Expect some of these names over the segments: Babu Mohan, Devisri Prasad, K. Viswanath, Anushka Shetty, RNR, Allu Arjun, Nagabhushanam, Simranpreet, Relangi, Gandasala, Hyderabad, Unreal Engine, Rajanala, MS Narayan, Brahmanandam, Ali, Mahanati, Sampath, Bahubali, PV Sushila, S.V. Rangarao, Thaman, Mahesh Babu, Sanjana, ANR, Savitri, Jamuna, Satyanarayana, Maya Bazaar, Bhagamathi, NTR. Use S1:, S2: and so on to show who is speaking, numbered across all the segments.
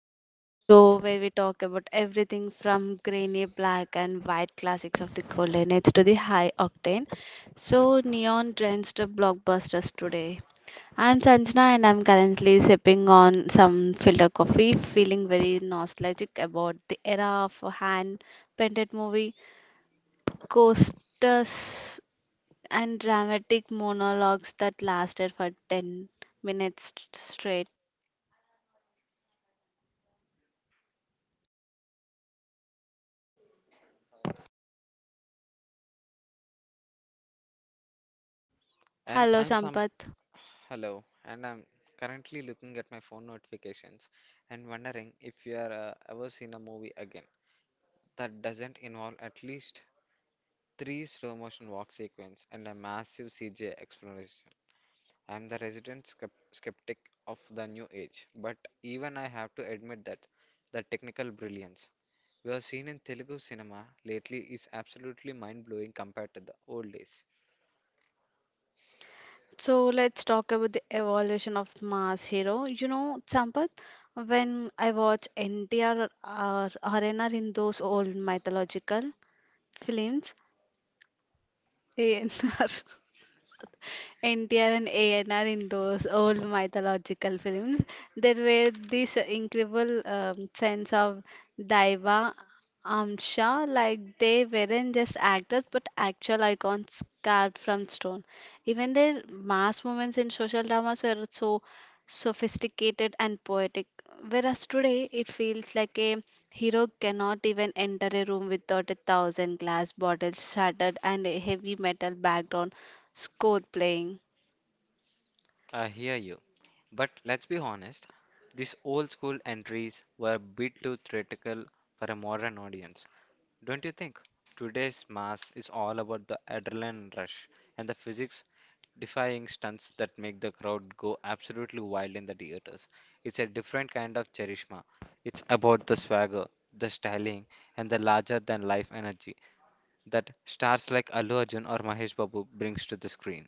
S1: back to the show where we talk about everything from grainy black and white classics of the golden age to the high octane, so neon drenched blockbusters today. I'm Sanjana and I'm currently sipping on some filter coffee, feeling very nostalgic about the era of hand painted movie, coasters, and dramatic monologues that lasted for 10 minutes straight.
S2: And
S1: Hello,
S2: I'm some
S1: Sampath.
S2: Hello, and I'm currently looking at my phone notifications and wondering if you are ever seen a movie again that doesn't involve at least three slow motion walk sequence and a massive CGI exploration. I'm the resident skeptic of the new age, but even I have to admit that the technical brilliance we have seen in Telugu cinema lately is absolutely mind blowing compared to the old days.
S1: So let's talk about the evolution of mass hero. You know, Sampath, when I watch NTR or RNR in those old mythological films, ANR, NTR and ANR in those old mythological films, there were this incredible sense of daiva amsha, like they weren't just actors but actual icons carved from stone. Even their mass moments in social dramas were so sophisticated and poetic. Whereas today it feels like a hero cannot even enter a room without a thousand glass bottles shattered and a heavy metal background score playing.
S2: I hear you. But let's be honest, these old school entries were a bit too theatrical for a modern audience. Don't you think? Today's mass is all about the adrenaline rush and the physics defying stunts that make the crowd go absolutely wild in the theaters. It's a different kind of charisma. It's about the swagger, the styling, and the larger than life energy that stars like Allu Arjun or Mahesh Babu brings to the screen.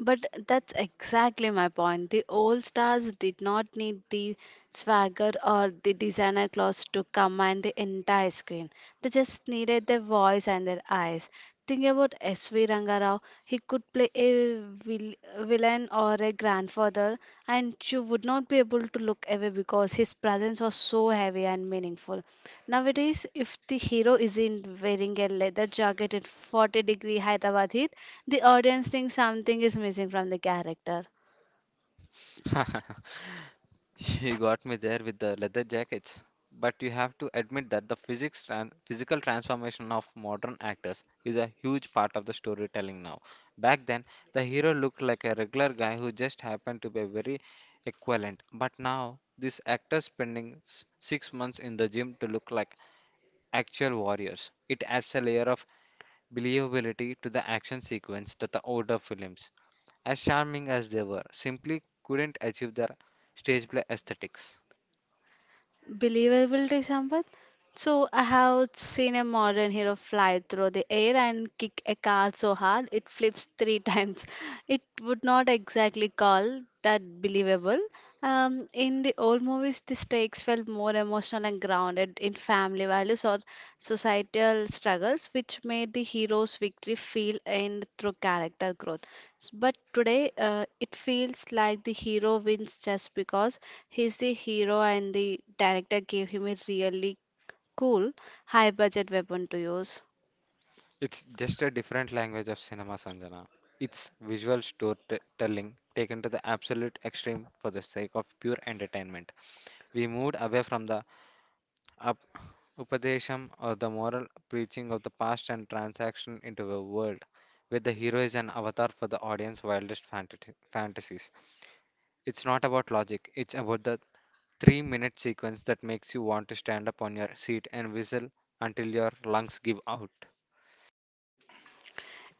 S1: But that's exactly my point. The old stars did not need the swagger or the designer clothes to command the entire screen. They just needed their voice and their eyes. Think about S.V. Rangarao. He could play a villain or a grandfather, and you would not be able to look away because his presence was so heavy and meaningful. Nowadays, if the hero isn't wearing a leather jacket at 40-degree Hyderabad heat, the audience thinks something is missing from the character.
S2: You got me there with the leather jackets. But you have to admit that the physical transformation of modern actors is a huge part of the storytelling now. Back then, the hero looked like a regular guy who just happened to be very equivalent. But now, these actors spending six months in the gym to look like actual warriors. It adds a layer of believability to the action sequence that the older films, as charming as they were, simply couldn't achieve their stage play aesthetics.
S1: Believable, Sampath? So I have seen a modern hero fly through the air and kick a car so hard it flips three times. It would not exactly call that believable. In the old movies, the stakes felt more emotional and grounded in family values or societal struggles, which made the hero's victory feel earned through character growth. But today, it feels like the hero wins just because he's the hero and the director gave him a really cool, high budget weapon to use.
S2: It's just a different language of cinema, Sanjana. It's visual storytelling taken to the absolute extreme for the sake of pure entertainment. We moved away from the up Upadesham or the moral preaching of the past and transaction into a world where the hero is an avatar for the audience's wildest fantasies. It's not about logic, it's about the three-minute sequence that makes you want to stand up on your seat and whistle until your lungs give out.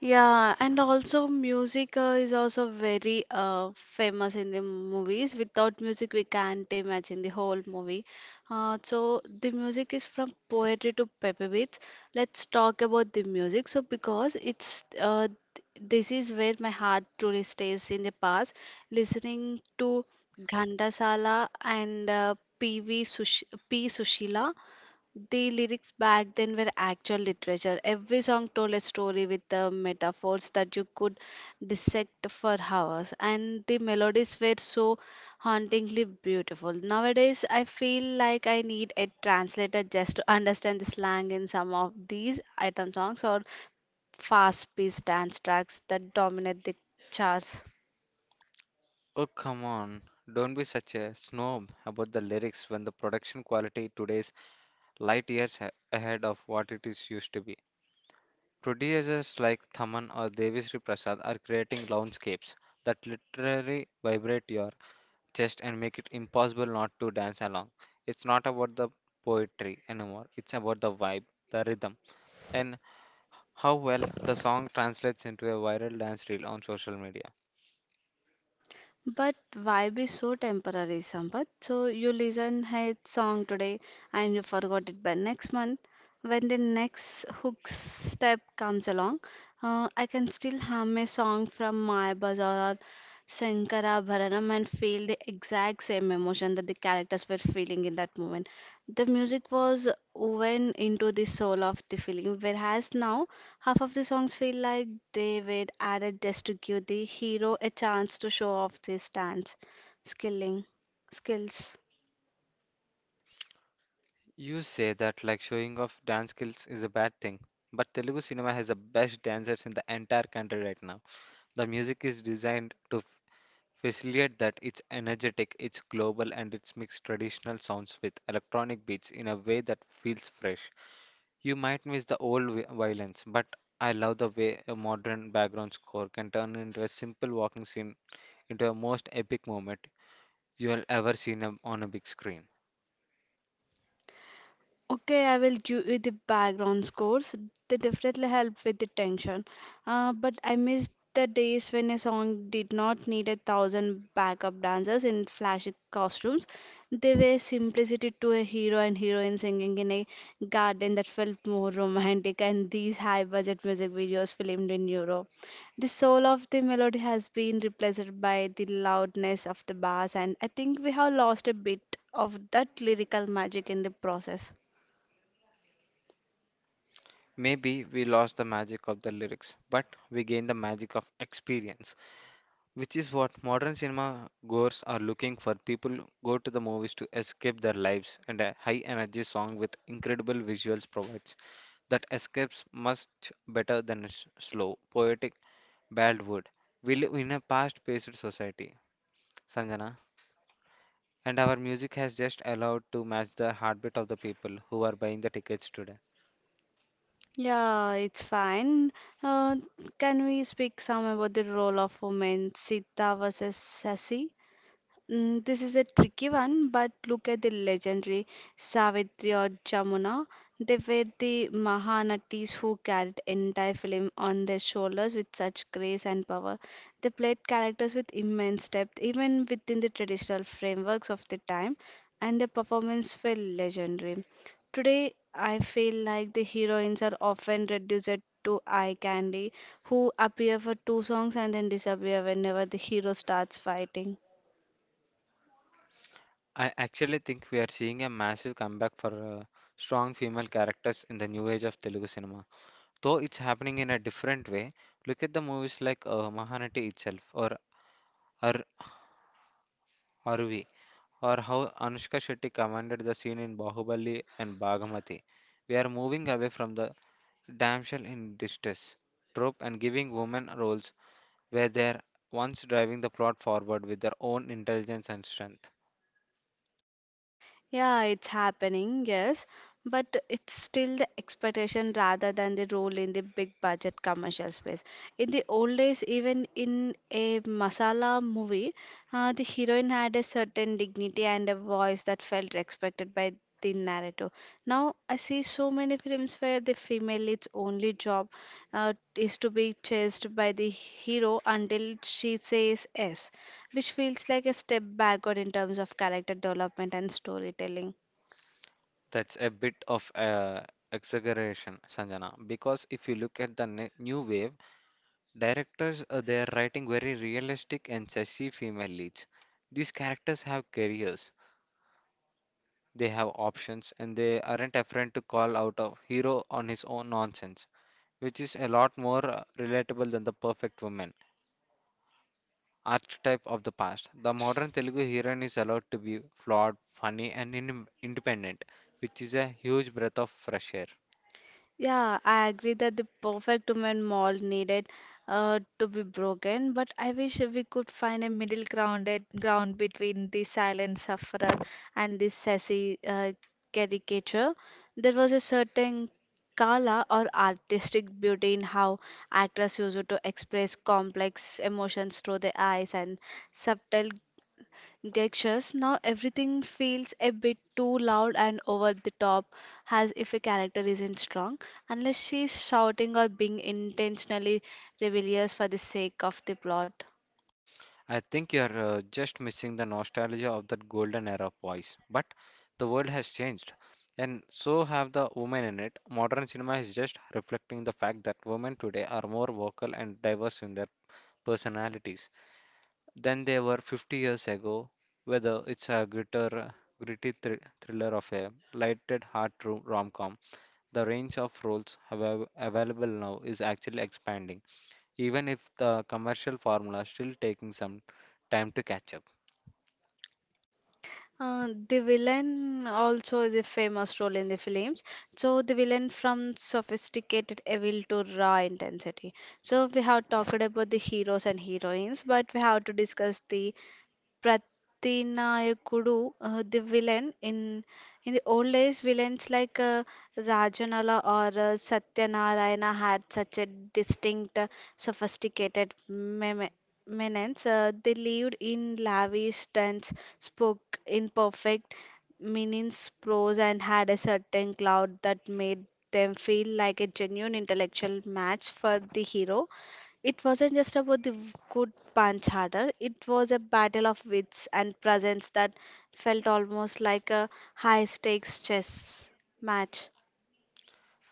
S1: Yeah, and also music is also very famous in the movies. Without music, we can't imagine the whole movie. So the music is from poetry to pepper beats. Let's talk about the music. So because this is where my heart truly stays in the past, listening to Gandasala and PV Sush P. Sushila. The lyrics back then were actual literature. Every song told a story with the metaphors that you could dissect for hours, and the melodies were so hauntingly beautiful. Nowadays, I feel like I need a translator just to understand the slang in some of these item songs or fast paced dance tracks that dominate the charts.
S2: Oh, come on. Don't be such a snob about the lyrics when the production quality today's light years ahead of what it is used to be. Producers like Thaman or Devisri Prasad are creating landscapes that literally vibrate your chest and make it impossible not to dance along. It's not about the poetry anymore, it's about the vibe, the rhythm, and how well the song translates into a viral dance reel on social media.
S1: But why be so temporary, Sampath? So you listen a song today and you forgot it by next month. When the next hook step comes along, I can still hum a song from my bazaar or Sankara Bharanam and feel the exact same emotion that the characters were feeling in that moment. The music was woven into the soul of the feeling, whereas now half of the songs feel like they were added just to give the hero a chance to show off his dance skilling skills.
S2: You say that like showing off dance skills is a bad thing, but Telugu cinema has the best dancers in the entire country right now. The music is designed to facilitate that it's energetic, it's global, and it's mixed traditional sounds with electronic beats in a way that feels fresh. You might miss the old violence, but I love the way a modern background score can turn into a simple walking scene into a most epic moment you'll ever seen on a big screen.
S1: Okay, I will give you the background scores. They definitely help with the tension. But I miss the days when a song did not need a thousand backup dancers in flashy costumes. They were simplicity to a hero and heroine singing in a garden that felt more romantic, and these high budget music videos filmed in Europe. The soul of the melody has been replaced by the loudness of the bass, and I think we have lost a bit of that lyrical magic in the process.
S2: Maybe we lost the magic of the lyrics, but we gained the magic of experience, which is what modern cinema goers are looking for. People go to the movies to escape their lives, and a high energy song with incredible visuals provides that escapes much better than a slow, poetic ballad would. We live in a fast paced society, Sanjana, and our music has just allowed to match the heartbeat of the people who are buying the tickets today.
S1: Yeah, it's fine. Uh, can we speak some about the role of women, Sita versus Sasi? Mm, this is a tricky one, but look at the legendary Savitri or Jamuna. They were the Mahanatis who carried entire film on their shoulders with such grace and power. They played characters with immense depth, even within the traditional frameworks of the time, and their performance were legendary. Today, I feel like the heroines are often reduced to eye candy, who appear for two songs and then disappear whenever the hero starts fighting.
S2: I actually think we are seeing a massive comeback for strong female characters in the new age of Telugu cinema. Though it's happening in a different way, look at the movies like Mahanati itself or Ar Arvi or how Anushka Shetty commanded the scene in Bahubali and Bhagamathi. We are moving away from the damsel in distress trope and giving women roles where they're once driving the plot forward with their own intelligence and strength.
S1: Yeah, it's happening, yes, but it's still the expectation rather than the role in the big budget commercial space. In the old days, even in a masala movie, the heroine had a certain dignity and a voice that felt respected by the narrator. Now, I see so many films where the female lead's only job is to be chased by the hero until she says yes, which feels like a step backward in terms of character development and storytelling.
S2: That's a bit of a exaggeration, Sanjana, because if you look at the new wave, directors they are writing very realistic and sassy female leads. These characters have careers, they have options, and they aren't afraid to call out a hero on his own nonsense, which is a lot more relatable than the perfect woman archetype of the past. The modern Telugu heroine is allowed to be flawed, funny, and independent, which is a huge breath of fresh air.
S1: Yeah, I agree that the perfect woman mold needed to be broken, but I wish we could find a middle ground between the silent sufferer and the sassy caricature. There was a certain Kala or artistic beauty in how actors used to express complex emotions through their eyes and subtle Dexter's now everything feels a bit too loud and over the top, as if a character isn't strong, unless she's shouting or being intentionally rebellious for the sake of the plot.
S2: I think you're just missing the nostalgia of that golden era of voice. But the world has changed, and so have the women in it. Modern cinema is just reflecting the fact that women today are more vocal and diverse in their personalities than they were 50 years ago. Whether it's a gritty thriller of a lighted heart rom-com, the range of roles available now is actually expanding, even if the commercial formula is still taking some time to catch up.
S1: The villain also is a famous role in the films. So the villain from sophisticated evil to raw intensity. So we have talked about the heroes and heroines, but we have to discuss the Pratinayakudu, the villain in the old days, villains like Rajanala or Satyanarayana had such a distinct, sophisticated menace. They lived in lavish tents, spoke in perfect meanings, prose, and had a certain cloud that made them feel like a genuine intellectual match for the hero. It wasn't just about the good punch harder, it was a battle of wits and presence that felt almost like a high stakes chess match.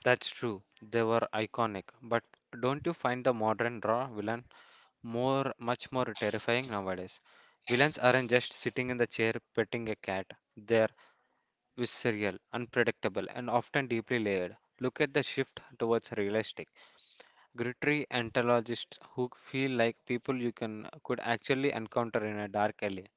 S2: That's true. They were iconic, but don't you find the modern raw villain more much more terrifying nowadays? Villains aren't just sitting in the chair petting a cat. They're visceral, unpredictable, and often deeply layered. Look at the shift towards realistic, gritty anthologists who feel like people you can could actually encounter in a dark alley.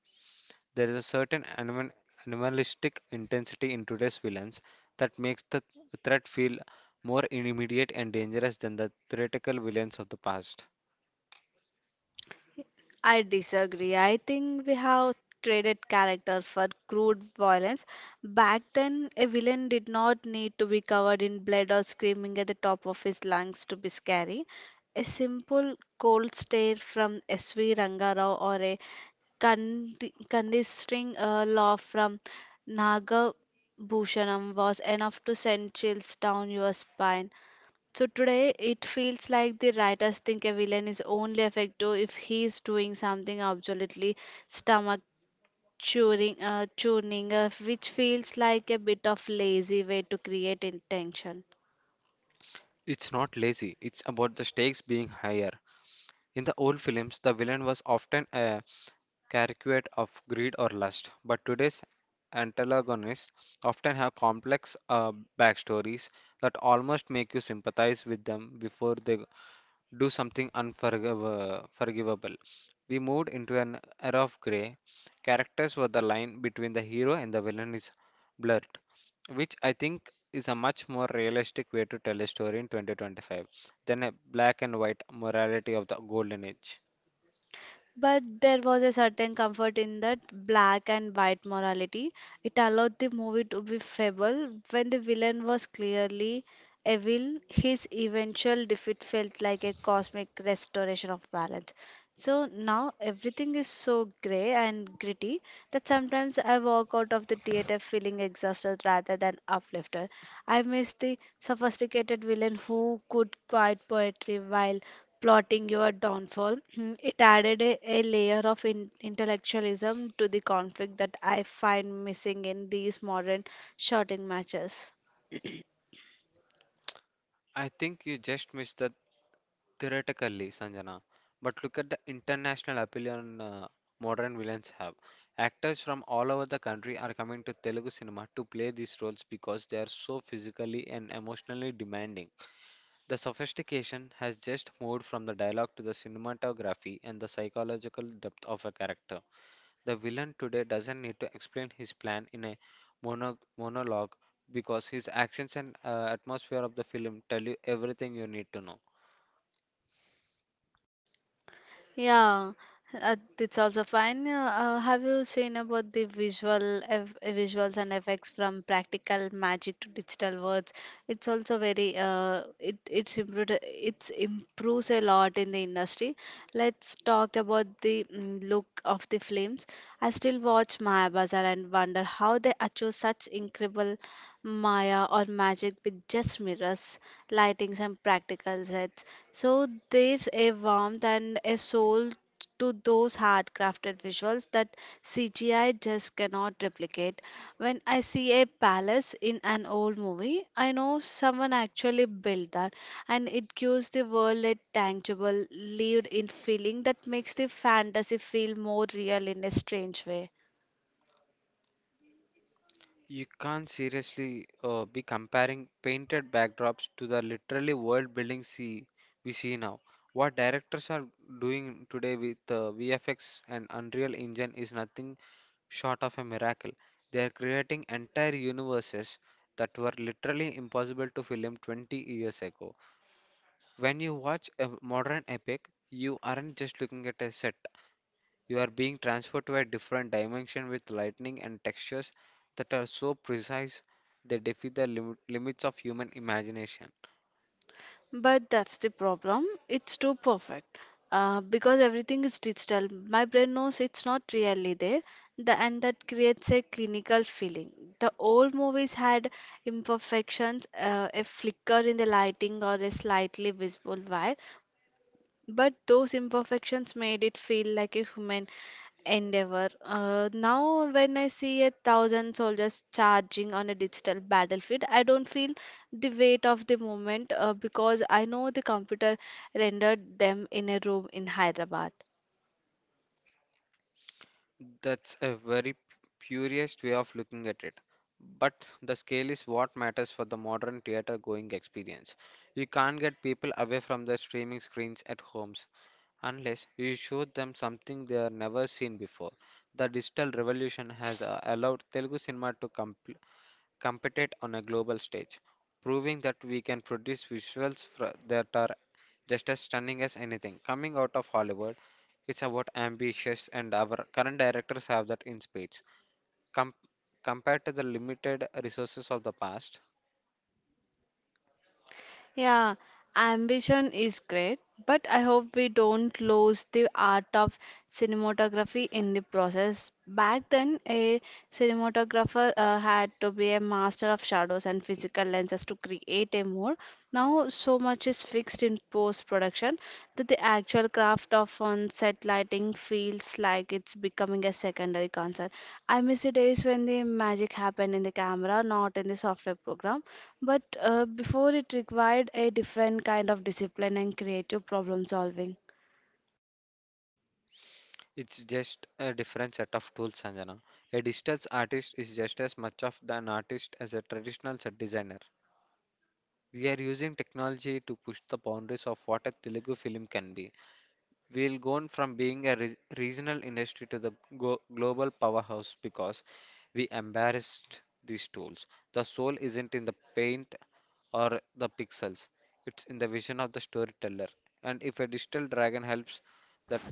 S2: There is a certain animalistic intensity in today's villains that makes the threat feel more immediate and dangerous than the theoretical villains of the past.
S1: I disagree. I think we have traded character for crude violence. Back then, a villain did not need to be covered in blood or screaming at the top of his lungs to be scary. A simple cold stare from SV Rangarao or a condescending laugh from Nagabhushanam was enough to send chills down your spine. So today it feels like the writers think a villain is only effective if he is doing something absolutely stomach churning, which feels like a bit of lazy way to create intention.
S2: It's not lazy, it's about the stakes being higher. In the old films, the villain was often a caricature of greed or lust, but today's antagonists often have complex backstories that almost make you sympathize with them before they do something unforgivable. We moved into an era of grey characters where the line between the hero and the villain is blurred, which I think is a much more realistic way to tell a story in 2025 than a black and white morality of the golden age.
S1: But there was a certain comfort in that black and white morality. It allowed the movie to be fable when the villain was clearly evil. His eventual defeat felt like a cosmic restoration of balance. So now everything is so grey and gritty that sometimes I walk out of the theater feeling exhausted rather than uplifted. I miss the sophisticated villain who could quite poetry while plotting your downfall. It added a layer of intellectualism to the conflict that I find missing in these modern shouting matches.
S2: I think you just missed the theoretically, Sanjana. But look at the international appeal on modern villains have. Actors from all over the country are coming to Telugu cinema to play these roles because they are so physically and emotionally demanding. The sophistication has just moved from the dialogue to the cinematography and the psychological depth of a character. The villain today doesn't need to explain his plan in a monologue because his actions and atmosphere of the film tell you everything you need to know.
S1: Yeah, it's also fine. Have you seen about the visuals and effects from practical magic to digital words? It's also very it it's improved it's improves a lot in the industry. Let's talk about the mm, look of the films. I still watch Maya Bazaar and wonder how they achieve such incredible Maya or magic with just mirrors, lightings, and practical sets. So there's a warmth and a soul to those hard-crafted visuals that CGI just cannot replicate. When I see a palace in an old movie, I know someone actually built that, and it gives the world a tangible, lived-in feeling that makes the fantasy feel more real in a strange way.
S2: You can't seriously be comparing painted backdrops to the literally world building we see now. What directors are doing today with VFX and Unreal Engine is nothing short of a miracle. They are creating entire universes that were literally impossible to film 20 years ago. When you watch a modern epic, you aren't just looking at a set. You are being transferred to a different dimension with lighting and textures that are so precise they defy the limits of human imagination.
S1: But that's the problem. It's too perfect. Because everything is digital, my brain knows it's not really there, and that creates a clinical feeling. The old movies had imperfections, a flicker in the lighting, or a slightly visible wire. But those imperfections made it feel like a human endeavor. Now, when I see a thousand soldiers charging on a digital battlefield, I don't feel the weight of the moment because I know the computer rendered them in a room in Hyderabad.
S2: That's a very purest way of looking at it. But the scale is what matters for the modern theater going experience. You can't get people away from their streaming screens at homes, unless you show them something they have never seen before. The digital revolution has allowed Telugu cinema to compete on a global stage, proving that we can produce visuals that are just as stunning as anything coming out of Hollywood. It's about ambitious, and our current directors have that in spades. Com- Compared to the limited resources of the past,
S1: Yeah, ambition is great, but I hope we don't lose the art of cinematography in the process. Back then, a cinematographer had to be a master of shadows and physical lenses to create a mood. Now, so much is fixed in post-production that the actual craft of on-set lighting feels like it's becoming a secondary concern. I miss the days when the magic happened in the camera, not in the software program. But before it required a different kind of discipline and creative problem solving.
S2: it's just a different set of tools, Sanjana. A digital artist is just as much of an artist as a traditional set designer. We are using technology to push the boundaries of what a Telugu film can be. We'll gone from being a regional industry to the global powerhouse because we embarrassed these tools. The soul isn't in the paint or the pixels. It's in the vision of the storyteller. And if a digital dragon helps the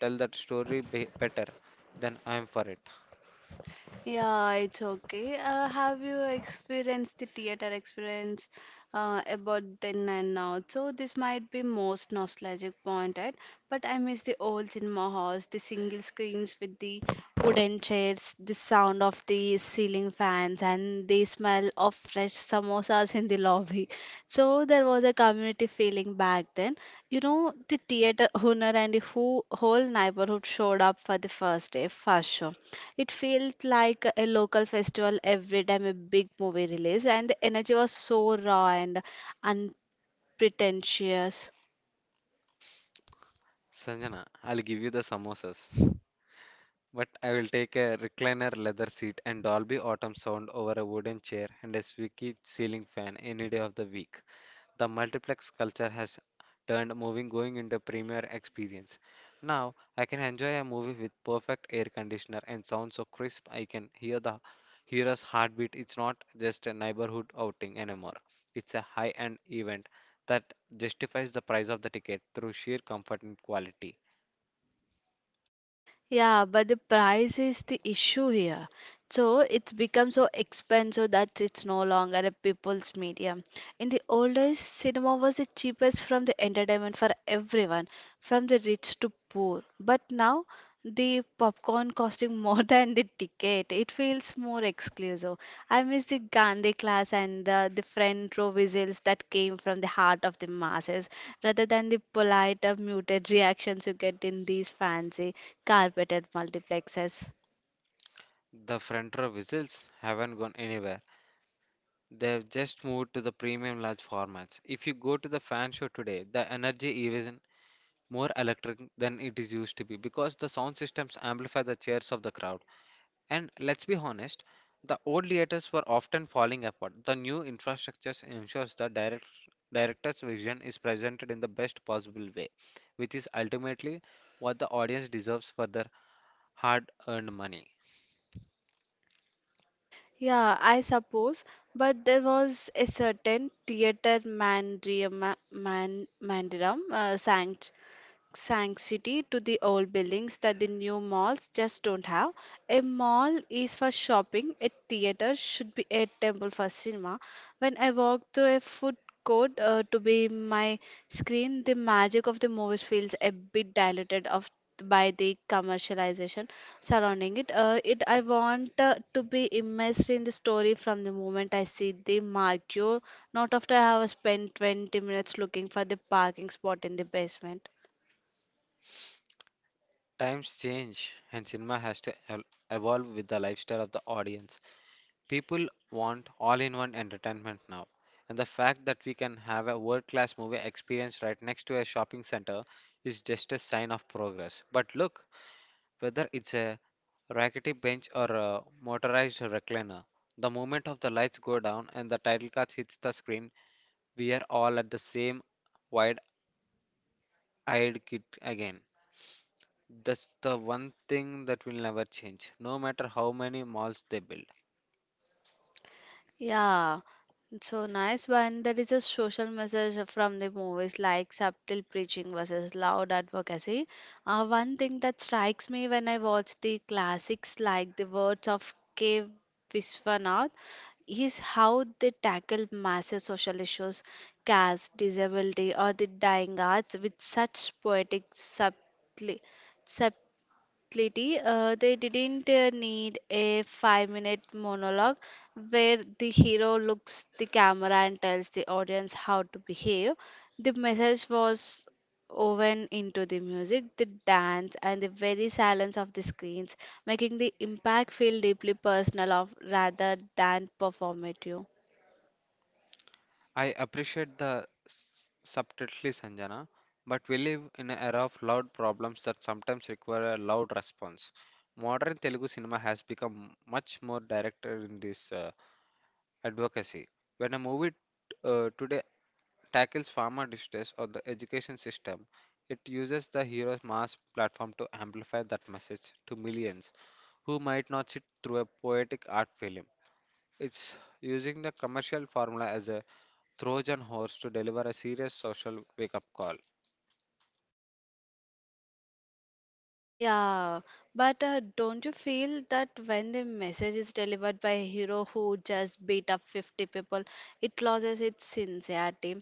S2: tell that story be better, then I'm for it.
S1: Yeah, it's okay. Have you experienced the theater experience about then and now? So this might be most nostalgic point, right? But I miss the old cinema halls, the single screens with the wooden chairs, the sound of the ceiling fans, and the smell of fresh samosas in the lobby. So there was a community feeling back then. You know, the theater owner and the whole neighborhood showed up for the first day, first show. It felt like a local festival every time a big movie released, and the energy was so raw and unpretentious.
S2: Sanjana, I'll give you the samosas. But I will take a recliner leather seat and Dolby Autumn sound over a wooden chair and a squeaky ceiling fan any day of the week. The multiplex culture has turned moving going into a premier experience. Now I can enjoy a movie with perfect air conditioner and sound so crisp I can hear the hearer's heartbeat. It's not just a neighborhood outing anymore. It's a high-end event that justifies the price of the ticket through sheer comfort and quality.
S1: Yeah, but the price is the issue here. So it's become so expensive that it's no longer a people's medium. In the old days, cinema was the cheapest from the entertainment for everyone, from the rich to poor. But now the popcorn costing more than the ticket. It feels more exclusive. I miss the Gandhi class and the front row whistles that came from the heart of the masses, rather than the polite or muted reactions you get in these fancy carpeted multiplexes.
S2: The front row whistles haven't gone anywhere. They've just moved to the premium large formats. If you go to the fan show today, the energy is even more electric than it is used to be because the sound systems amplify the cheers of the crowd. And let's be honest, the old theaters were often falling apart. The new infrastructures ensures the director's vision is presented in the best possible way, which is ultimately what the audience deserves for their hard-earned money.
S1: Yeah, I suppose, but there was a certain theater mandiram, man, mandiram sang. Sanctity to the old buildings that the new malls just don't have. A mall is for shopping, a theater should be a temple for cinema. When I walk through a food court to be my screen, the magic of the movies feels a bit diluted of by the commercialization surrounding it. I want to be immersed in the story from the moment I see the marquee, not after I have spent 20 minutes looking for the parking spot in the basement.
S2: Times change, and cinema has to evolve with the lifestyle of the audience. People want all in one entertainment now, and the fact that we can have a world class movie experience right next to a shopping center is just a sign of progress. But look, whether it's a rickety bench or a motorized recliner, the moment of the lights go down and the title card hits the screen, we are all at the same wide eyed kid again. That's the one thing that will never change, no matter how many malls they build.
S1: Yeah, so nice one. There is a social message from the movies like subtle preaching versus loud advocacy. One thing that strikes me when I watch the classics like the words of K. Viswanath is how they tackle massive social issues, caste, disability, or the dying arts with such poetic subtly, Lady, they didn't need a 5 minute monologue where the hero looks the camera and tells the audience how to behave. The message was woven into the music, the dance, and the very silence of the screens, making the impact feel deeply personal of, rather than performative.
S2: I appreciate the subtlety, Sanjana, but we live in an era of loud problems that sometimes require a loud response. Modern Telugu cinema has become much more direct in this advocacy. When a movie today tackles farmer distress or the education system, it uses the hero's mass platform to amplify that message to millions who might not sit through a poetic art film. It's using the commercial formula as a Trojan horse to deliver a serious social wake up call.
S1: Yeah, but don't you feel that when the message is delivered by a hero who just beat up 50 people, it loses its sincerity?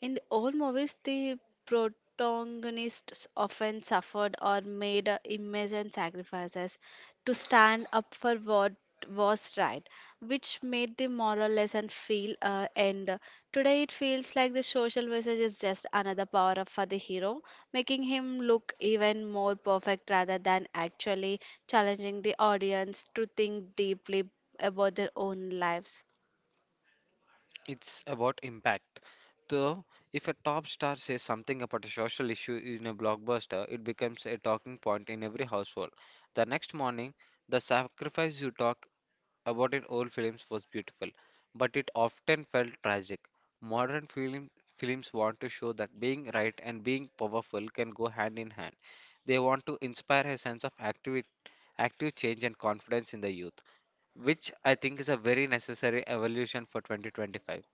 S1: In the old movies, the protagonists often suffered or made immense sacrifices to stand up for what was right, which made the moral lesson feel end. Today, it feels like the social message is just another power up for the hero, making him look even more perfect rather than actually challenging the audience to think deeply about their own lives.
S2: It's about impact. So, if a top star says something about a social issue in a blockbuster, it becomes a talking point in every household. The next morning, the sacrifice you talk about in old films was beautiful, but it often felt tragic. Modern film, Films want to show that being right and being powerful can go hand in hand. They want to inspire a sense of active change and confidence in the youth, which I think is a very necessary evolution for 2025.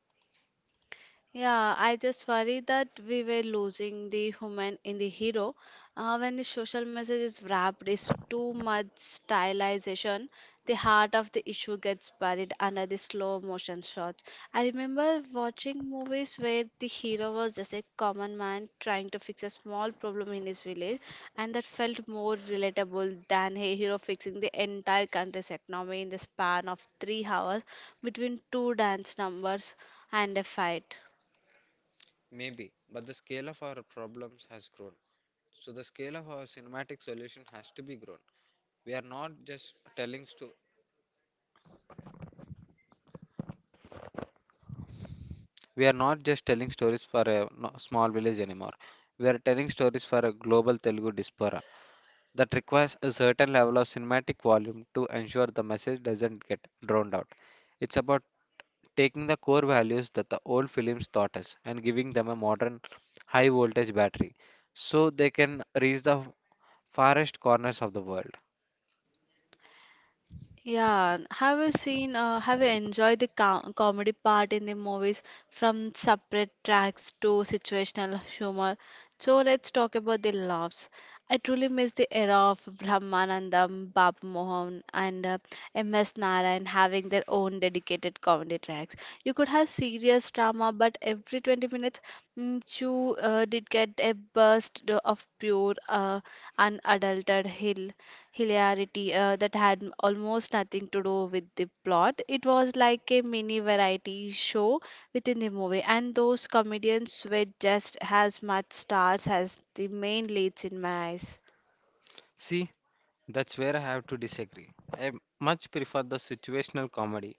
S1: Yeah, I just worry that we were losing the human in the hero. When the social message is wrapped, is too much stylization. The heart of the issue gets buried under the slow motion shots. I remember watching movies where the hero was just a common man trying to fix a small problem in his village, and that felt more relatable than a hero fixing the entire country's economy in the span of 3 hours between two dance numbers and a fight.
S2: Maybe, but the scale of our problems has grown. So the scale of our cinematic solution has to be grown. We are not just telling sto- we are not just telling stories for a small village anymore. We are telling stories for a global Telugu diaspora that requires a certain level of cinematic volume to ensure the message doesn't get drowned out. It's about taking the core values that the old films taught us and giving them a modern high voltage battery so they can reach the farthest corners of the world.
S1: Yeah, have you enjoyed the co comedy part in the movies from separate tracks to situational humor? So let's talk about the laughs. I truly miss the era of Brahmanandam, Babu Mohan, and MS Narayan having their own dedicated comedy tracks. You could have serious drama, but every 20 minutes you did get a burst of pure unadulterated hilarity that had almost nothing to do with the plot. It was like a mini variety show within the movie, and those comedians were just as much stars as the main leads in my eyes.
S2: See, that's where I have to disagree. I much prefer the situational comedy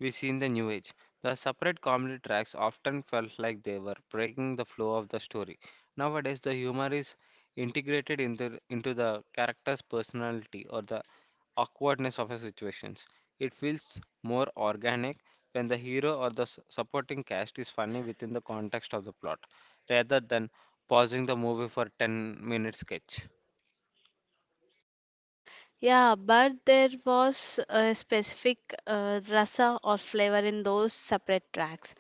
S2: we see in the New Age. The separate comedy tracks often felt like they were breaking the flow of the story. Nowadays, the humor is into the character's personality or the awkwardness of a situations. It feels more organic when the hero or the supporting cast is funny within the context of the plot, rather than pausing the movie for 10-minute sketch.
S1: Yeah, but there was a specific rasa or flavor in those separate tracks.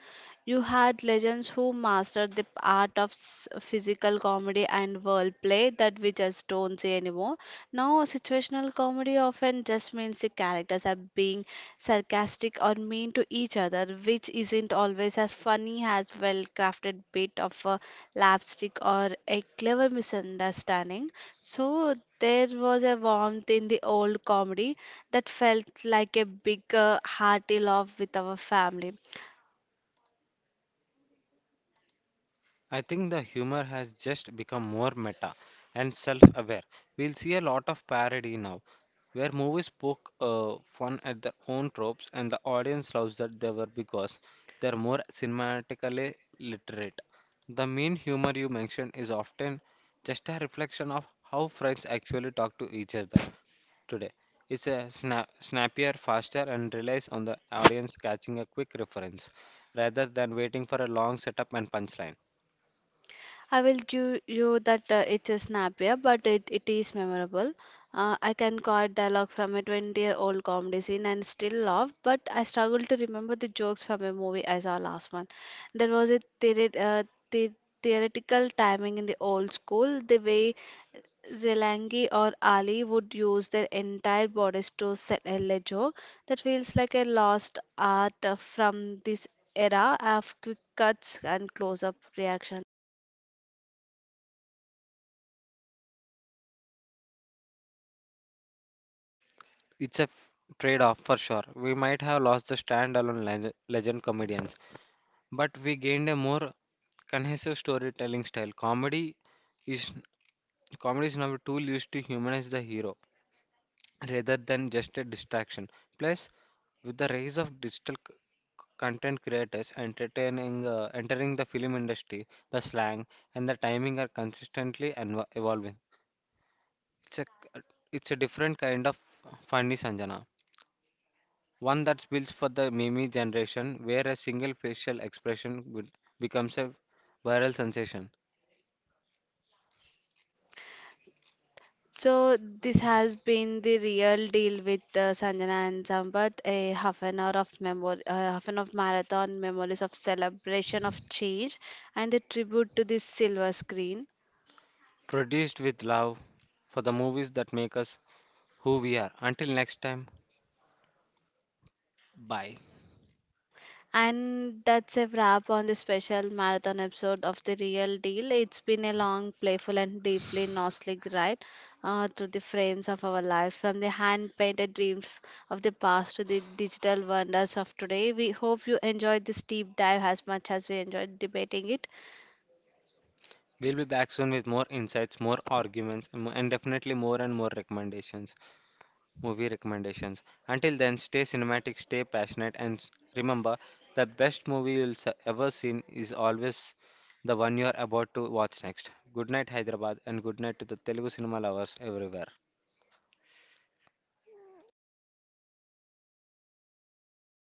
S1: You had legends who mastered the art of physical comedy and wordplay that we just don't see anymore. Now, situational comedy often just means the characters are being sarcastic or mean to each other, which isn't always as funny as well crafted bit of a lapstick or a clever misunderstanding. So there was a warmth in the old comedy that felt like a big hearty love with our family.
S2: I think the humor has just become more meta and self aware. We'll see a lot of parody now, where movies poke fun at their own tropes and the audience loves that they were because they're more cinematically literate. The mean humor you mentioned is often just a reflection of how friends actually talk to each other today. It's a snappier, faster, and relies on the audience catching a quick reference rather than waiting for a long setup and punchline.
S1: I will give you that it is snappier, but it is memorable. I can quote dialogue from a 20-year-old comedy scene and still laugh, but I struggle to remember the jokes from a movie I saw last month. There was a theory, the theoretical timing in the old school, the way Relangi or Ali would use their entire bodies to sell a joke, that feels like a lost art from this era of quick cuts and close up reactions.
S2: It's a trade-off for sure. We might have lost the standalone legend comedians, but we gained a more cohesive storytelling style. Is Comedy is now a tool used to humanize the hero rather than just a distraction. Plus, with the rise of digital content creators entertaining entering the film industry, the slang and the timing are consistently evolving. It's a it's a different kind of funny, Sanjana. One that builds for the meme generation, where a single facial expression becomes a viral sensation.
S1: So this has been The Real Deal with Sanjana and Sampath, a half an hour of memory, half an hour of marathon memories of celebration of change and the tribute to the silver screen.
S2: Produced with love for the movies that make us who we are. Until next time, bye.
S1: And that's a wrap on this special marathon episode of The Real Deal. It's been a long, playful, and deeply nostalgic ride through the frames of our lives, from the hand painted dreams of the past to the digital wonders of today. We hope you enjoyed this deep dive as much as we enjoyed debating it.
S2: We'll be back soon with more insights, more arguments, and definitely more and more recommendations. Movie recommendations. Until then, stay cinematic, stay passionate, and remember the best movie you'll ever seen is always the one you're about to watch next. Good night, Hyderabad, and good night to the Telugu cinema lovers everywhere.